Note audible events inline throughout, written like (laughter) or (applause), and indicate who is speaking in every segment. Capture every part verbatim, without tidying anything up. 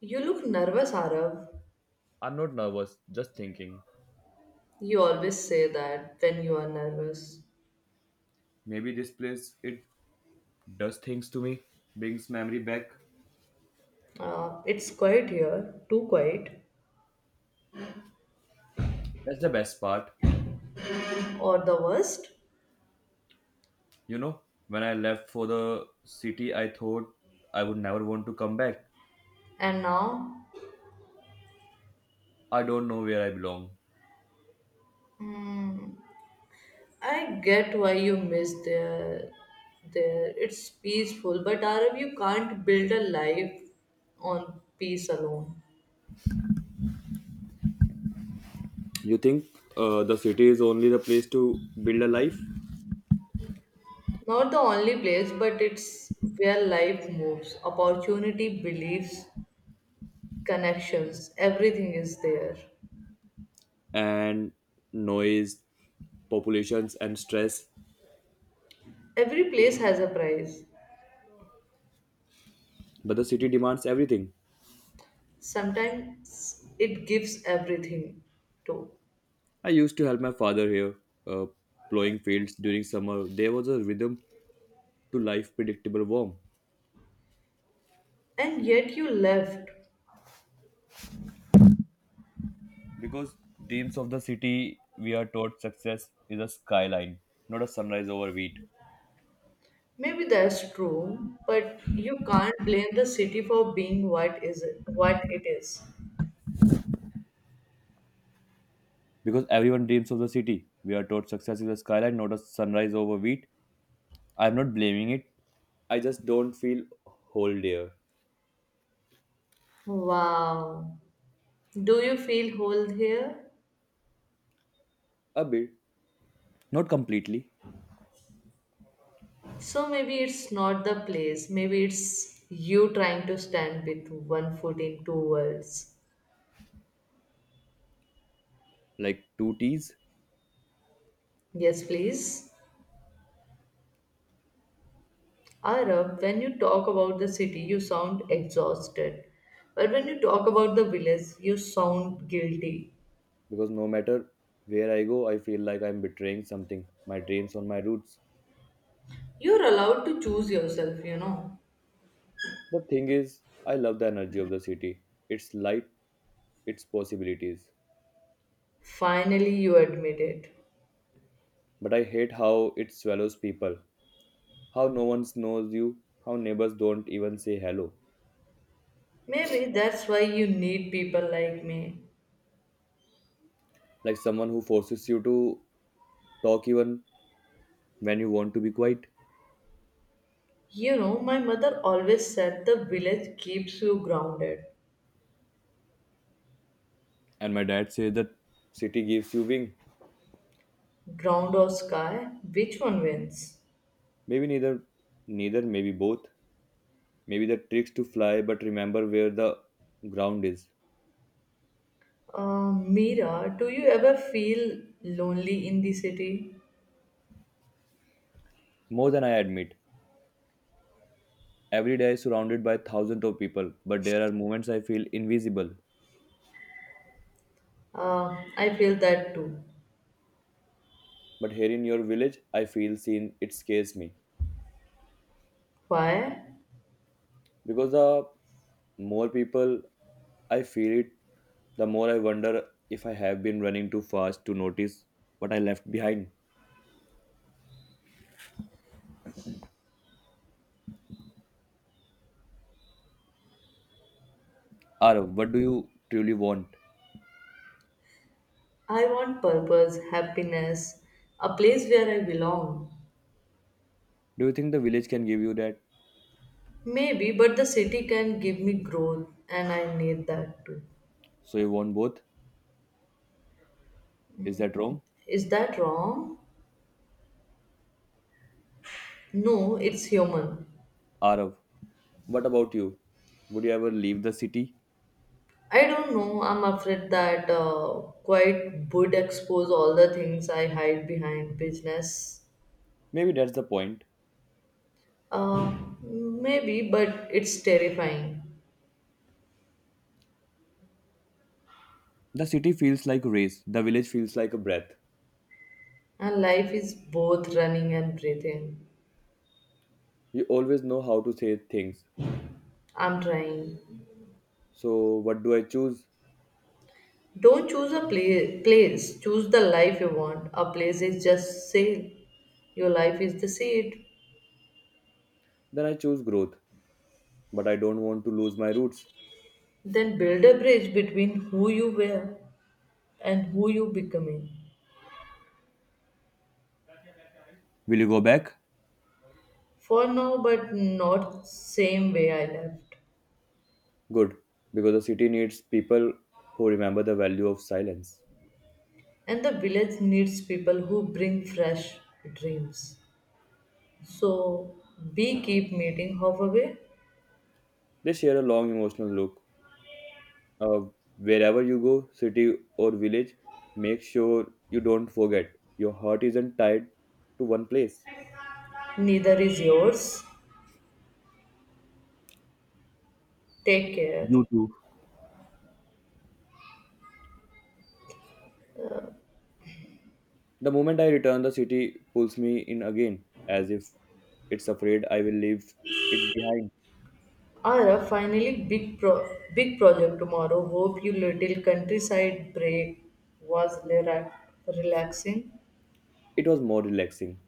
Speaker 1: You look nervous, Arav.
Speaker 2: I'm not nervous, just thinking.
Speaker 1: You always say that when you are nervous.
Speaker 2: Maybe this place, it does things to me, brings memory back.
Speaker 1: Uh, it's quiet here, too quiet,
Speaker 2: That's the best part.
Speaker 1: or the worst.
Speaker 2: You know, when I left for the city, I thought I would never want to come back.
Speaker 1: And now,
Speaker 2: I don't know where I belong.
Speaker 1: mm, I get why you miss there. There, it's peaceful, but Arav, you can't build a life on peace alone.
Speaker 2: You think uh, the city is only the place to build a life
Speaker 1: Not the only place, but it's where life moves. Opportunity, beliefs, connections, everything is there.
Speaker 2: and noise, populations, and stress,
Speaker 1: Every place has a price.
Speaker 2: but the city demands everything.
Speaker 1: Sometimes it gives everything to,
Speaker 2: I used to help my father here, uh, plowing fields during summer. There was a rhythm to life, predictable, warm.
Speaker 1: and yet you left.
Speaker 2: Because dreams of the city we are taught success is a skyline, not a sunrise over wheat.
Speaker 1: Maybe that's true, but you can't blame the city for being what is it, what it is.
Speaker 2: Because everyone dreams of the city. We are taught success is a skyline, not a sunrise over wheat. I'm not blaming it. I just don't feel whole there.
Speaker 1: Wow. Do you feel whole here?
Speaker 2: A bit. Not completely.
Speaker 1: So maybe it's not the place. Maybe it's you trying to stand with one foot in two worlds.
Speaker 2: Like two T's.
Speaker 1: Yes, please. Arab, when you talk about the city, you sound exhausted. But when you talk about the village, you sound guilty.
Speaker 2: Because no matter where I go, I feel like I'm betraying something. My dreams on my roots.
Speaker 1: You're allowed to choose yourself, you know.
Speaker 2: The thing is, I love the energy of the city. Its light, its possibilities.
Speaker 1: Finally, you admit it.
Speaker 2: But I hate how it swallows people. How no one knows you, how neighbors don't even say hello.
Speaker 1: Maybe that's why you need people like me.
Speaker 2: Like someone who forces you to talk even when you want to be quiet.
Speaker 1: You know, my mother always said the village keeps you grounded.
Speaker 2: And my dad says that city gives you wing.
Speaker 1: Ground or sky, which one wins?
Speaker 2: Maybe neither neither, maybe both. Maybe the tricks to fly, but remember where the ground is.
Speaker 1: Uh, Mira, do you ever feel lonely in the city?
Speaker 2: More than I admit. Every day surrounded by thousands of people, but there are moments I feel invisible.
Speaker 1: Uh, I feel that too.
Speaker 2: But here in your village, I feel seen, it scares me.
Speaker 1: Why?
Speaker 2: Because the more people I feel it, the more I wonder if I have been running too fast to notice what I left behind. Arav, what do you truly want?
Speaker 1: I want purpose, happiness, a place where I belong.
Speaker 2: Do you think the village can give you that?
Speaker 1: Maybe, but the city can give me growth and I need that too.
Speaker 2: So you want both? Is that wrong?
Speaker 1: Is that wrong? No, it's human.
Speaker 2: Arav, what about you? Would you ever leave the city?
Speaker 1: I don't know. I'm afraid that uh, quite would expose all the things I hide behind business.
Speaker 2: Maybe that's the point.
Speaker 1: Uh, Maybe, but it's terrifying.
Speaker 2: The city feels like a race, the village feels like a breath.
Speaker 1: And life is both running and breathing.
Speaker 2: You always know how to say things.
Speaker 1: I'm trying.
Speaker 2: So what do I choose?
Speaker 1: Don't choose a pla- place, choose the life you want. A place is just sail. Your life is the seed.
Speaker 2: Then I choose growth. But I don't want to lose my roots.
Speaker 1: Then build a bridge between who you were and who you becoming.
Speaker 2: Will you go back?
Speaker 1: For now, but not same way I left.
Speaker 2: Good, because the city needs people who remember the value of silence.
Speaker 1: And the village needs people who bring fresh dreams. So be keep meeting halfway.
Speaker 2: They share a long emotional look. Uh, Wherever you go, city or village, make sure you don't forget. Your heart isn't tied to one place.
Speaker 1: Neither is yours. Take care.
Speaker 2: You too. The moment I return, the city pulls me in again, as if it's afraid I will leave it behind.
Speaker 1: Ara, finally, big pro- big project tomorrow. Hope you little countryside break was lera- relaxing.
Speaker 2: It was more relaxing.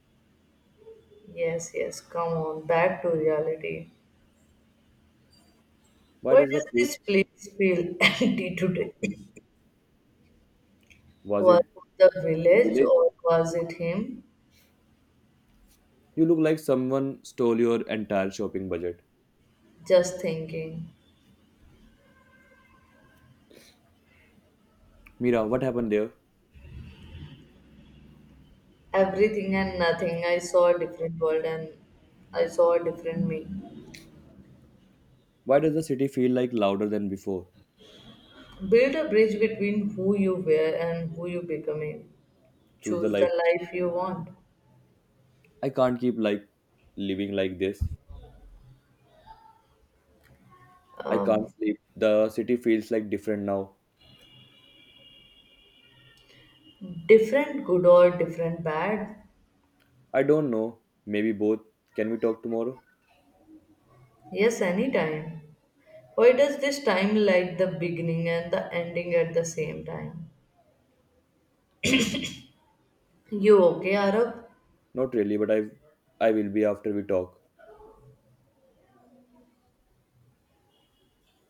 Speaker 1: Yes, yes, come on, back to reality.
Speaker 2: Why
Speaker 1: Why
Speaker 2: does the
Speaker 1: does
Speaker 2: place?
Speaker 1: this place feel (laughs) empty today?
Speaker 2: Was it
Speaker 1: Was the
Speaker 2: the
Speaker 1: village
Speaker 2: village?
Speaker 1: or was it him?
Speaker 2: You look like someone stole your entire shopping budget.
Speaker 1: Just thinking.
Speaker 2: Mira, what happened there?
Speaker 1: Everything and nothing. I saw a different world and I saw a different me.
Speaker 2: Why does the city feel like louder than before?
Speaker 1: Build a bridge between who you were and who you becoming
Speaker 2: Choose the
Speaker 1: choose
Speaker 2: life.
Speaker 1: the life you want.
Speaker 2: I can't keep like living like this. I
Speaker 1: Uh,
Speaker 2: can't sleep. The city feels like different now.
Speaker 1: Different good or different bad?
Speaker 2: I don't know. Maybe both. Can we talk tomorrow?
Speaker 1: Yes, anytime. Why does this time like the beginning and the ending at the same time? You okay, Arab?
Speaker 2: Not really, but I I will be after we talk.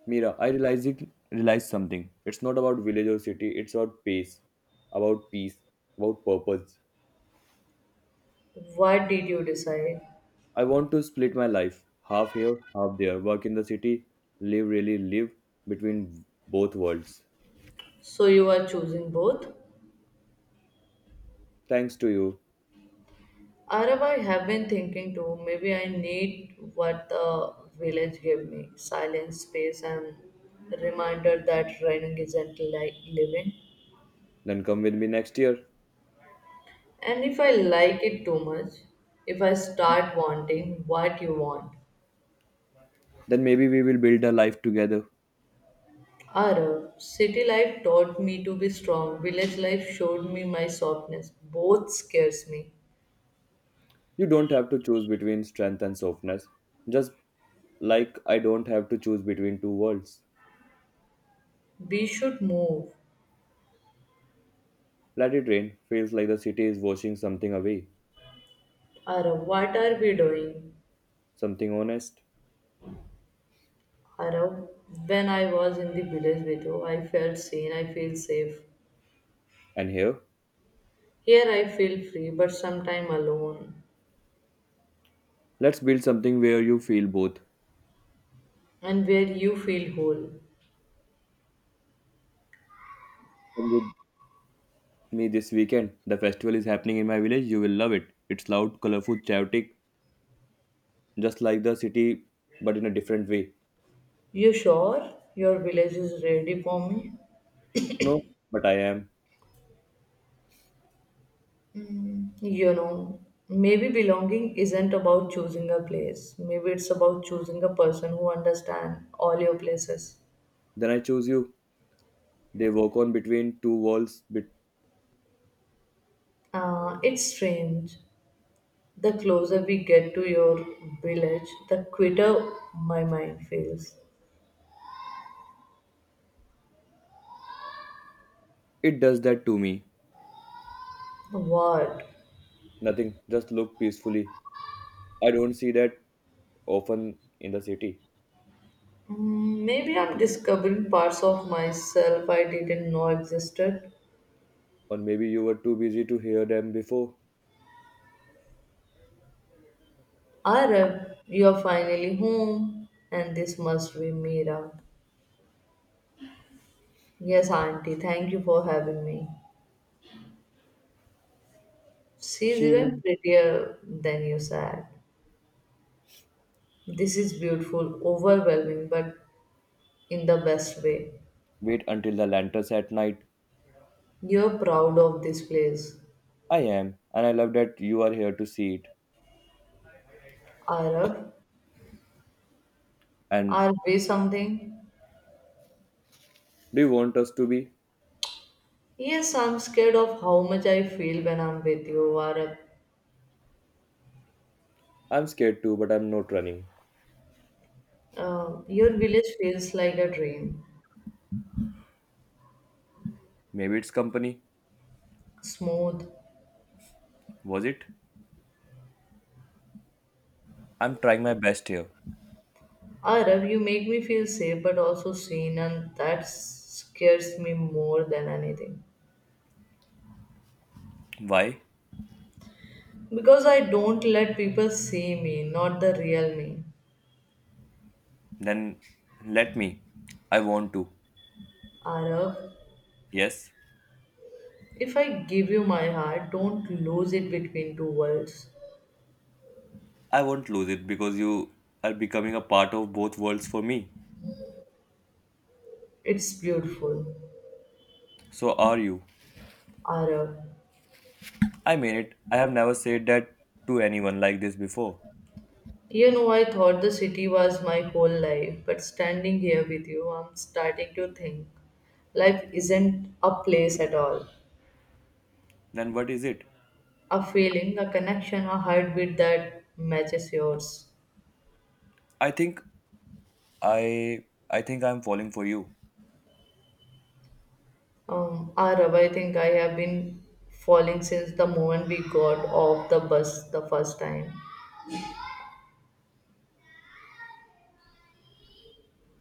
Speaker 2: Mira, I realized it realized something. It's not about village or city, it's about pace, about peace, about purpose.
Speaker 1: What did you decide?
Speaker 2: I want to split my life. Half here, half there. Work in the city, live really live between both worlds.
Speaker 1: So you are choosing both?
Speaker 2: Thanks to you.
Speaker 1: Arab, I have been thinking too. Maybe I need what the village gave me silence, space, and reminder that running isn't like living.
Speaker 2: Then come with me next year.
Speaker 1: And if I like it too much, if I start wanting what you want,
Speaker 2: Then maybe we will build a life together.
Speaker 1: Arav, city life taught me to be strong. Village life showed me my softness. Both scares me.
Speaker 2: You don't have to choose between strength and softness. Just like I don't have to choose between two worlds.
Speaker 1: We should move.
Speaker 2: Let it rain feels like the city is washing something away,
Speaker 1: Arav, what are we doing?
Speaker 2: something honest.
Speaker 1: Arav, when I was in the village with you, I felt seen. I feel safe.
Speaker 2: And here,
Speaker 1: Here I feel free, but sometime alone.
Speaker 2: let's build something where you feel both.
Speaker 1: And where you feel whole.
Speaker 2: Come with me this weekend. The festival is happening in my village. You will love it. It's loud, colorful, chaotic, just like the city, but in a different way.
Speaker 1: You sure your village is ready for me?
Speaker 2: No, but I am.
Speaker 1: Mm, you know, maybe belonging isn't about choosing a place. Maybe it's about choosing a person who understands all your places.
Speaker 2: Then I choose you. They walk on between two walls. But
Speaker 1: Uh, it's strange. The closer we get to your village, the quitter my mind feels.
Speaker 2: it does that to me.
Speaker 1: What?
Speaker 2: Nothing. Just look peacefully. I don't see that often in the city.
Speaker 1: Mm, Maybe I'm discovering parts of myself I didn't know existed.
Speaker 2: Or maybe you were too busy to hear them before.
Speaker 1: Arab, you're finally home, and this must be Mira. Yes, Auntie, thank you for having me. She's
Speaker 2: She
Speaker 1: even
Speaker 2: will
Speaker 1: prettier than you said. This is beautiful, overwhelming, but in the best way.
Speaker 2: wait until the lanterns at night.
Speaker 1: You're proud of this place.
Speaker 2: I am, and I love that you are here to see it.
Speaker 1: Araf,
Speaker 2: And
Speaker 1: are we something?
Speaker 2: do you want us to be?
Speaker 1: Yes, I'm scared of how much I feel when I'm with you, Araf.
Speaker 2: I'm scared too, but I'm not running.
Speaker 1: Uh, your village feels like a dream.
Speaker 2: Maybe it's company.
Speaker 1: Smooth.
Speaker 2: Was it? I'm trying my best here.
Speaker 1: Araf, you make me feel safe but also seen, and that scares me more than anything.
Speaker 2: Why?
Speaker 1: Because I don't let people see me, not the real me.
Speaker 2: Then let me. I want to.
Speaker 1: Araf,
Speaker 2: Yes.
Speaker 1: if I give you my heart, don't lose it between two worlds.
Speaker 2: I won't lose it because you are becoming a part of both worlds for me.
Speaker 1: It's beautiful.
Speaker 2: So are you.
Speaker 1: Arav.
Speaker 2: I mean it. I have never said that to anyone like this before.
Speaker 1: You know, I thought the city was my whole life, but standing here with you, I'm starting to think life isn't a place at all.
Speaker 2: Then what is it?
Speaker 1: A feeling, a connection, a heartbeat that matches yours.
Speaker 2: I think I I think I'm falling for you.
Speaker 1: Um, Arav, I think I have been falling since the moment we got off the bus the first time.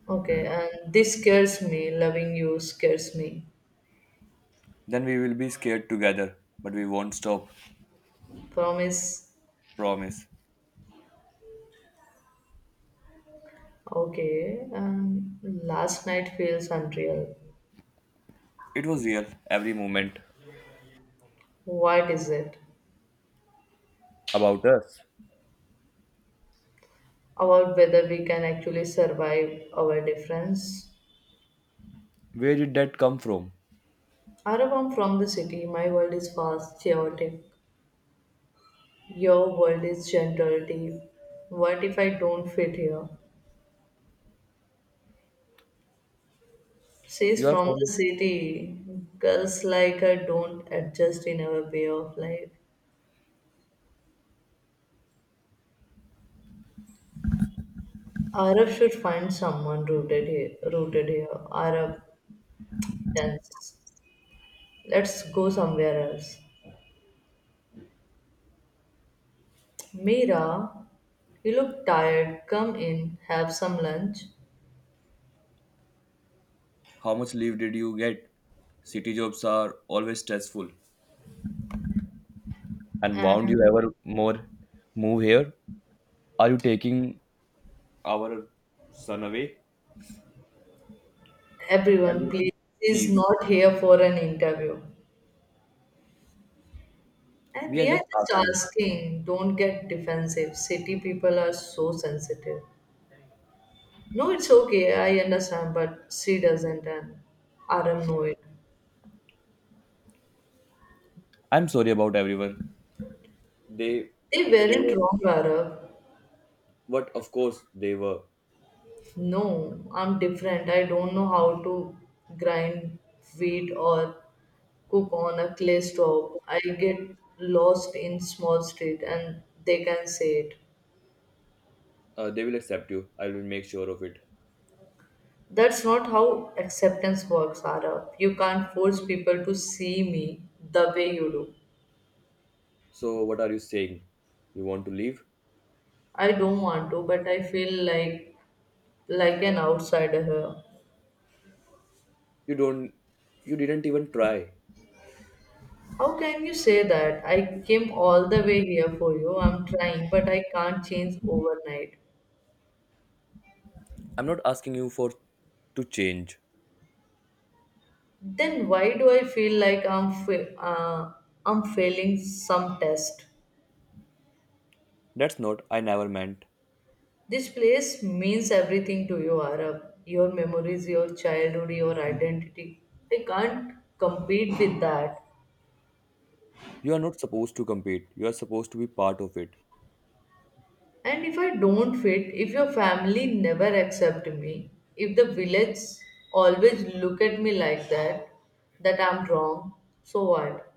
Speaker 1: Okay, and this scares me. Loving you scares me.
Speaker 2: Then we will be scared together, but we won't stop.
Speaker 1: Promise.
Speaker 2: Promise.
Speaker 1: Okay. Um, last night feels unreal.
Speaker 2: It was real every moment
Speaker 1: What is it?
Speaker 2: about us.
Speaker 1: About whether we can actually survive our difference?
Speaker 2: Where did that come from?
Speaker 1: I'm from the city. My world is fast, chaotic. Your world is gentle, deep. What if I don't fit here? She's
Speaker 2: You are
Speaker 1: from the
Speaker 2: from
Speaker 1: city. Girls like her don't adjust in our way of life. Arab should find someone rooted here. Rooted here. Arab dance. Let's go somewhere else. Mira, you look tired. Come in, have some lunch.
Speaker 2: how much leave did you get? City jobs are always stressful. And won't
Speaker 1: And
Speaker 2: you ever more move here? Are you taking our son away?
Speaker 1: everyone, please,
Speaker 2: Everyone,
Speaker 1: is
Speaker 2: please.
Speaker 1: not here for an interview. And
Speaker 2: We are
Speaker 1: we are
Speaker 2: just
Speaker 1: just
Speaker 2: asking.
Speaker 1: asking, don't get defensive. City people are so sensitive. No, it's okay, I understand, but she doesn't, and Aram know it.
Speaker 2: I'm sorry about everyone. They,
Speaker 1: They
Speaker 2: they
Speaker 1: weren't
Speaker 2: were.
Speaker 1: wrong, Arab.
Speaker 2: But of course, they were.
Speaker 1: No, I'm different. I don't know how to grind wheat or cook on a clay stove. I get lost in small street and they can say it.
Speaker 2: Uh, they will accept you. I will make sure of it.
Speaker 1: That's not how acceptance works, Ara. You can't force people to see me the way you do.
Speaker 2: So, what are you saying? You want to leave?
Speaker 1: I don't want to, but I feel like like an outsider here.
Speaker 2: You don't. You didn't even try.
Speaker 1: How can you say that? I came all the way here for you. I'm trying, but I can't change overnight.
Speaker 2: I'm not asking you for to change.
Speaker 1: Then why do I feel like I'm fa- uh, I'm failing some test?
Speaker 2: That's not. I never meant.
Speaker 1: This place means everything to you, Arab. Your memories, your childhood, your identity. I can't compete with that.
Speaker 2: You are not supposed to compete. You are supposed to be part of it.
Speaker 1: And if I don't fit, if your family never accept me, if the village always look at me like that, that I'm wrong, so what?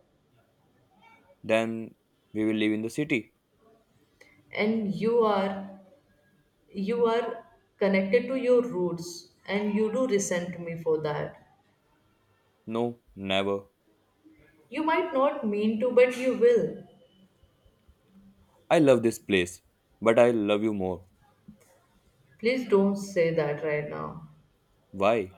Speaker 2: Then we will live in the city.
Speaker 1: And you are you are connected to your roots and you do resent me for that.
Speaker 2: No, never.
Speaker 1: You might not mean to, but you will.
Speaker 2: I love this place, but I love you more.
Speaker 1: Please don't say that right now.
Speaker 2: Why?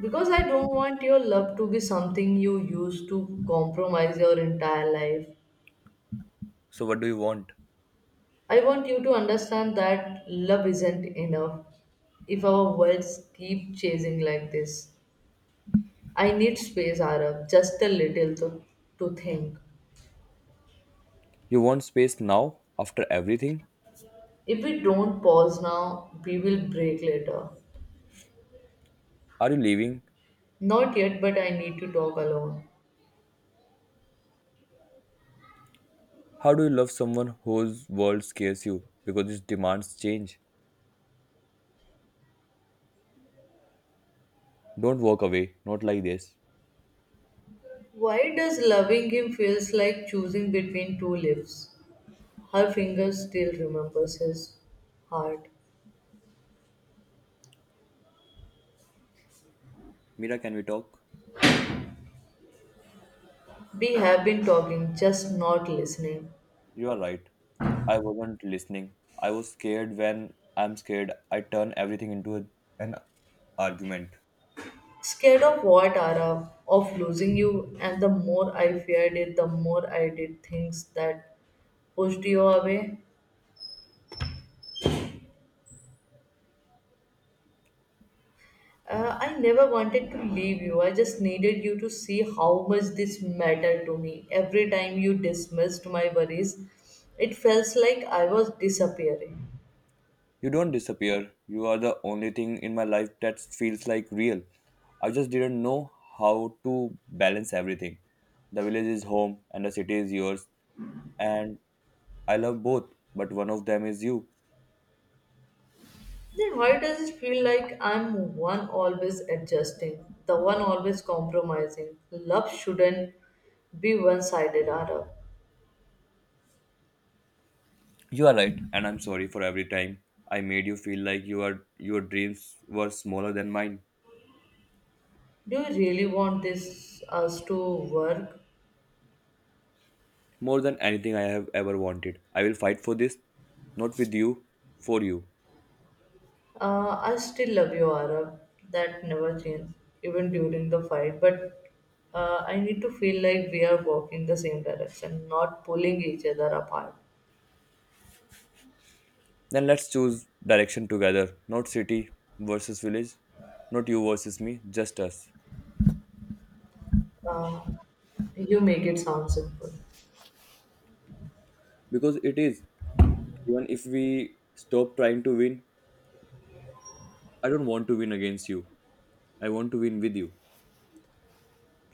Speaker 1: Because I don't want your love to be something you use to compromise your entire life.
Speaker 2: So, what do you want?
Speaker 1: I want you to understand that love isn't enough if our worlds keep chasing like this. I need space, Arab, just a little to, to think.
Speaker 2: You want space now, after everything?
Speaker 1: If we don't pause now, we will break later.
Speaker 2: Are you leaving?
Speaker 1: Not yet, but I need to talk alone.
Speaker 2: How do you love someone whose world scares you because it demands change? Don't walk away, not like this.
Speaker 1: Why does loving him feels like choosing between two lives? Her fingers still remembers his heart.
Speaker 2: Mira, can we talk?
Speaker 1: We have been talking, just not listening.
Speaker 2: You are right. I wasn't listening. I was scared when I'm scared, I turn everything into a- an argument.
Speaker 1: Scared of what, Ara? Of losing you, and the more I feared it, the more I did things that pushed you away. Uh, I never wanted to leave you. I just needed you to see how much this mattered to me. Every time you dismissed my worries, it felt like I was disappearing.
Speaker 2: You don't disappear. You are the only thing in my life that feels like real. I just didn't know how to balance everything. The village is home and the city is yours, and I love both, but one of them is you.
Speaker 1: Then why does it feel like I'm one always adjusting, the one always compromising? Love shouldn't be one sided, Arab.
Speaker 2: You are right, and I'm sorry for every time I made you feel like you are, your dreams were smaller than mine.
Speaker 1: Do you really want this us to work?
Speaker 2: More than anything I have ever wanted. I will fight for this, not with you, for you.
Speaker 1: Uh, I still love you, Arab. That never changed, even during the fight. But uh, I need to feel like we are walking the same direction, not pulling each other apart.
Speaker 2: Then let's choose direction together, not city versus village, not you versus me, just us.
Speaker 1: Uh, you make it sound simple.
Speaker 2: Because it is, even if we stop trying to win, I don't want to win against you. I want to win with you.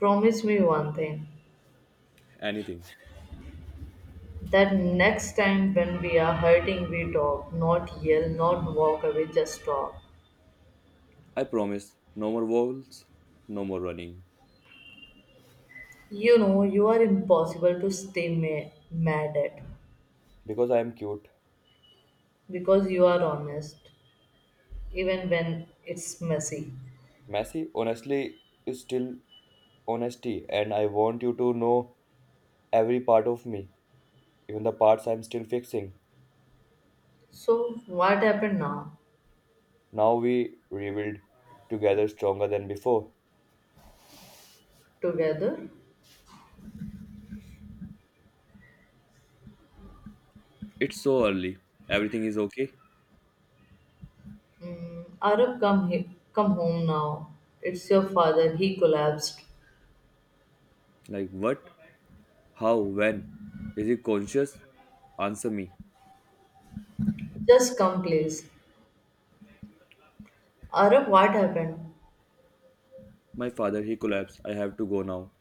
Speaker 1: Promise me one thing.
Speaker 2: Anything.
Speaker 1: That next time when we are hurting, we talk, not yell, not walk away, just talk.
Speaker 2: I promise, no more walls, no more running.
Speaker 1: You know, you are impossible to stay ma- mad at
Speaker 2: Because I am cute.
Speaker 1: because you are honest, even when it's messy.
Speaker 2: Messy, honestly, is still honesty, and I want you to know every part of me, even the parts I'm still fixing.
Speaker 1: So, what happened now?
Speaker 2: Now we rebuild together stronger than before.
Speaker 1: Together?
Speaker 2: It's so early. Everything is okay?
Speaker 1: Mm, Arab, come, he- come home now. It's your father, he collapsed.
Speaker 2: Like what? How? When? Is he conscious? Answer me.
Speaker 1: Just come, please. Arab, what happened?
Speaker 2: My father, he collapsed. I have to go now.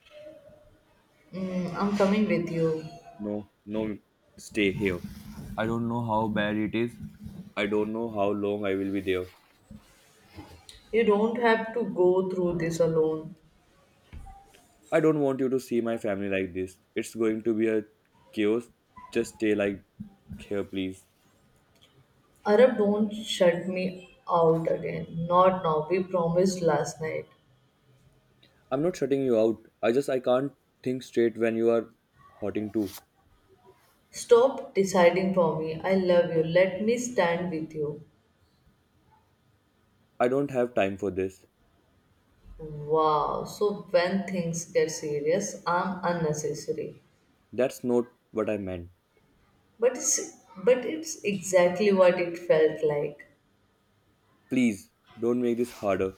Speaker 1: Mm, I'm coming with you.
Speaker 2: No, no, stay here. I don't know how bad it is. I don't know how long I will be there.
Speaker 1: You don't have to go through this alone.
Speaker 2: I don't want you to see my family like this. It's going to be a chaos. Just stay like here, please.
Speaker 1: Arab, don't shut me out again. Not now. We promised last night.
Speaker 2: I'm not shutting you out. I just I can't think straight when you are hurting too.
Speaker 1: Stop deciding for me. I love you. Let me stand with you.
Speaker 2: I don't have time for this.
Speaker 1: Wow. So when things get serious, I'm unnecessary.
Speaker 2: That's not what I meant.
Speaker 1: But it's but it's exactly what it felt like.
Speaker 2: Please don't make this harder.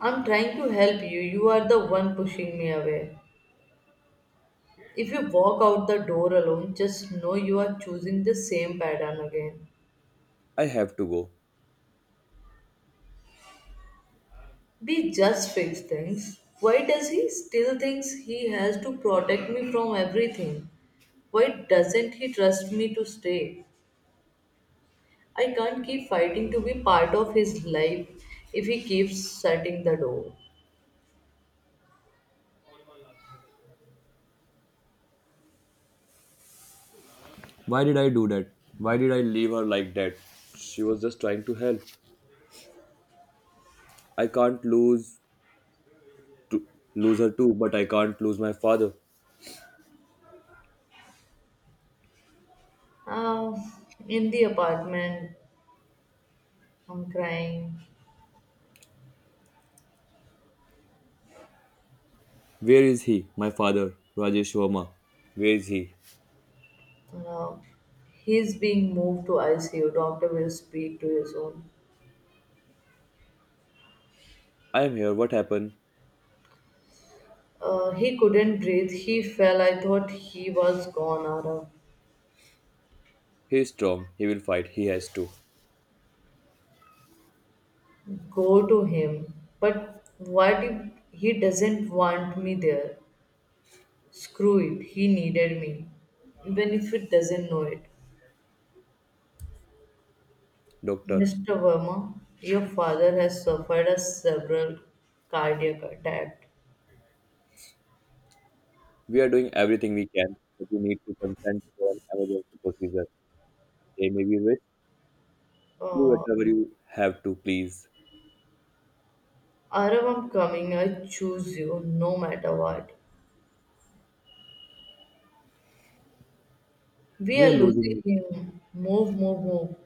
Speaker 1: I'm trying to help you. You are the one pushing me away. If you walk out the door alone, just know you are choosing the same pattern again.
Speaker 2: I have to go.
Speaker 1: They just fix things. Why does he still thinks he has to protect me from everything? Why doesn't he trust me to stay? I can't keep fighting to be part of his life if he keeps shutting the door.
Speaker 2: Why did I do that? Why did I leave her like that? She was just trying to help. I can't lose to lose her too, but I can't lose my father.
Speaker 1: Uh, in the apartment, I'm crying.
Speaker 2: Where is he? My father, Rajesh Verma. Where is he?
Speaker 1: Uh, he's being moved to I C U. Doctor will speak to you soon.
Speaker 2: I am here. What happened?
Speaker 1: Uh, he couldn't breathe. He fell. I thought he was gone, Arav.
Speaker 2: He is strong. He will fight. He has to.
Speaker 1: Go to him. But what if he doesn't want me there? Screw it, he needed me, even if it doesn't know it.
Speaker 2: Doctor,
Speaker 1: mister Verma, your father has suffered a several cardiac attack.
Speaker 2: we are doing everything we can, but you need to consent for an emergency procedure. They may be risk. Do
Speaker 1: Uh,
Speaker 2: whatever you have to, please.
Speaker 1: Arav, I'm coming. I choose you no matter what. We
Speaker 2: We
Speaker 1: are
Speaker 2: are
Speaker 1: losing
Speaker 2: losing.
Speaker 1: him. Move, move, move.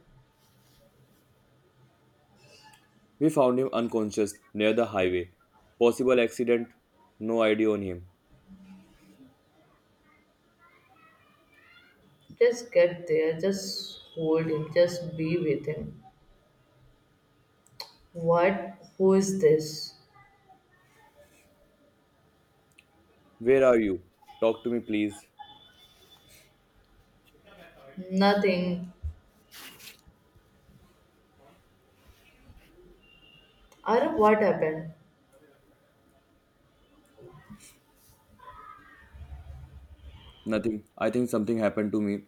Speaker 2: We found him unconscious near the highway. Possible accident? No idea on him.
Speaker 1: Just get there. Just hold him. Just be with him. What? Who is this?
Speaker 2: Where are you? Talk to me, please.
Speaker 1: Nothing. Arup, what happened?
Speaker 2: Nothing. I think something happened to me.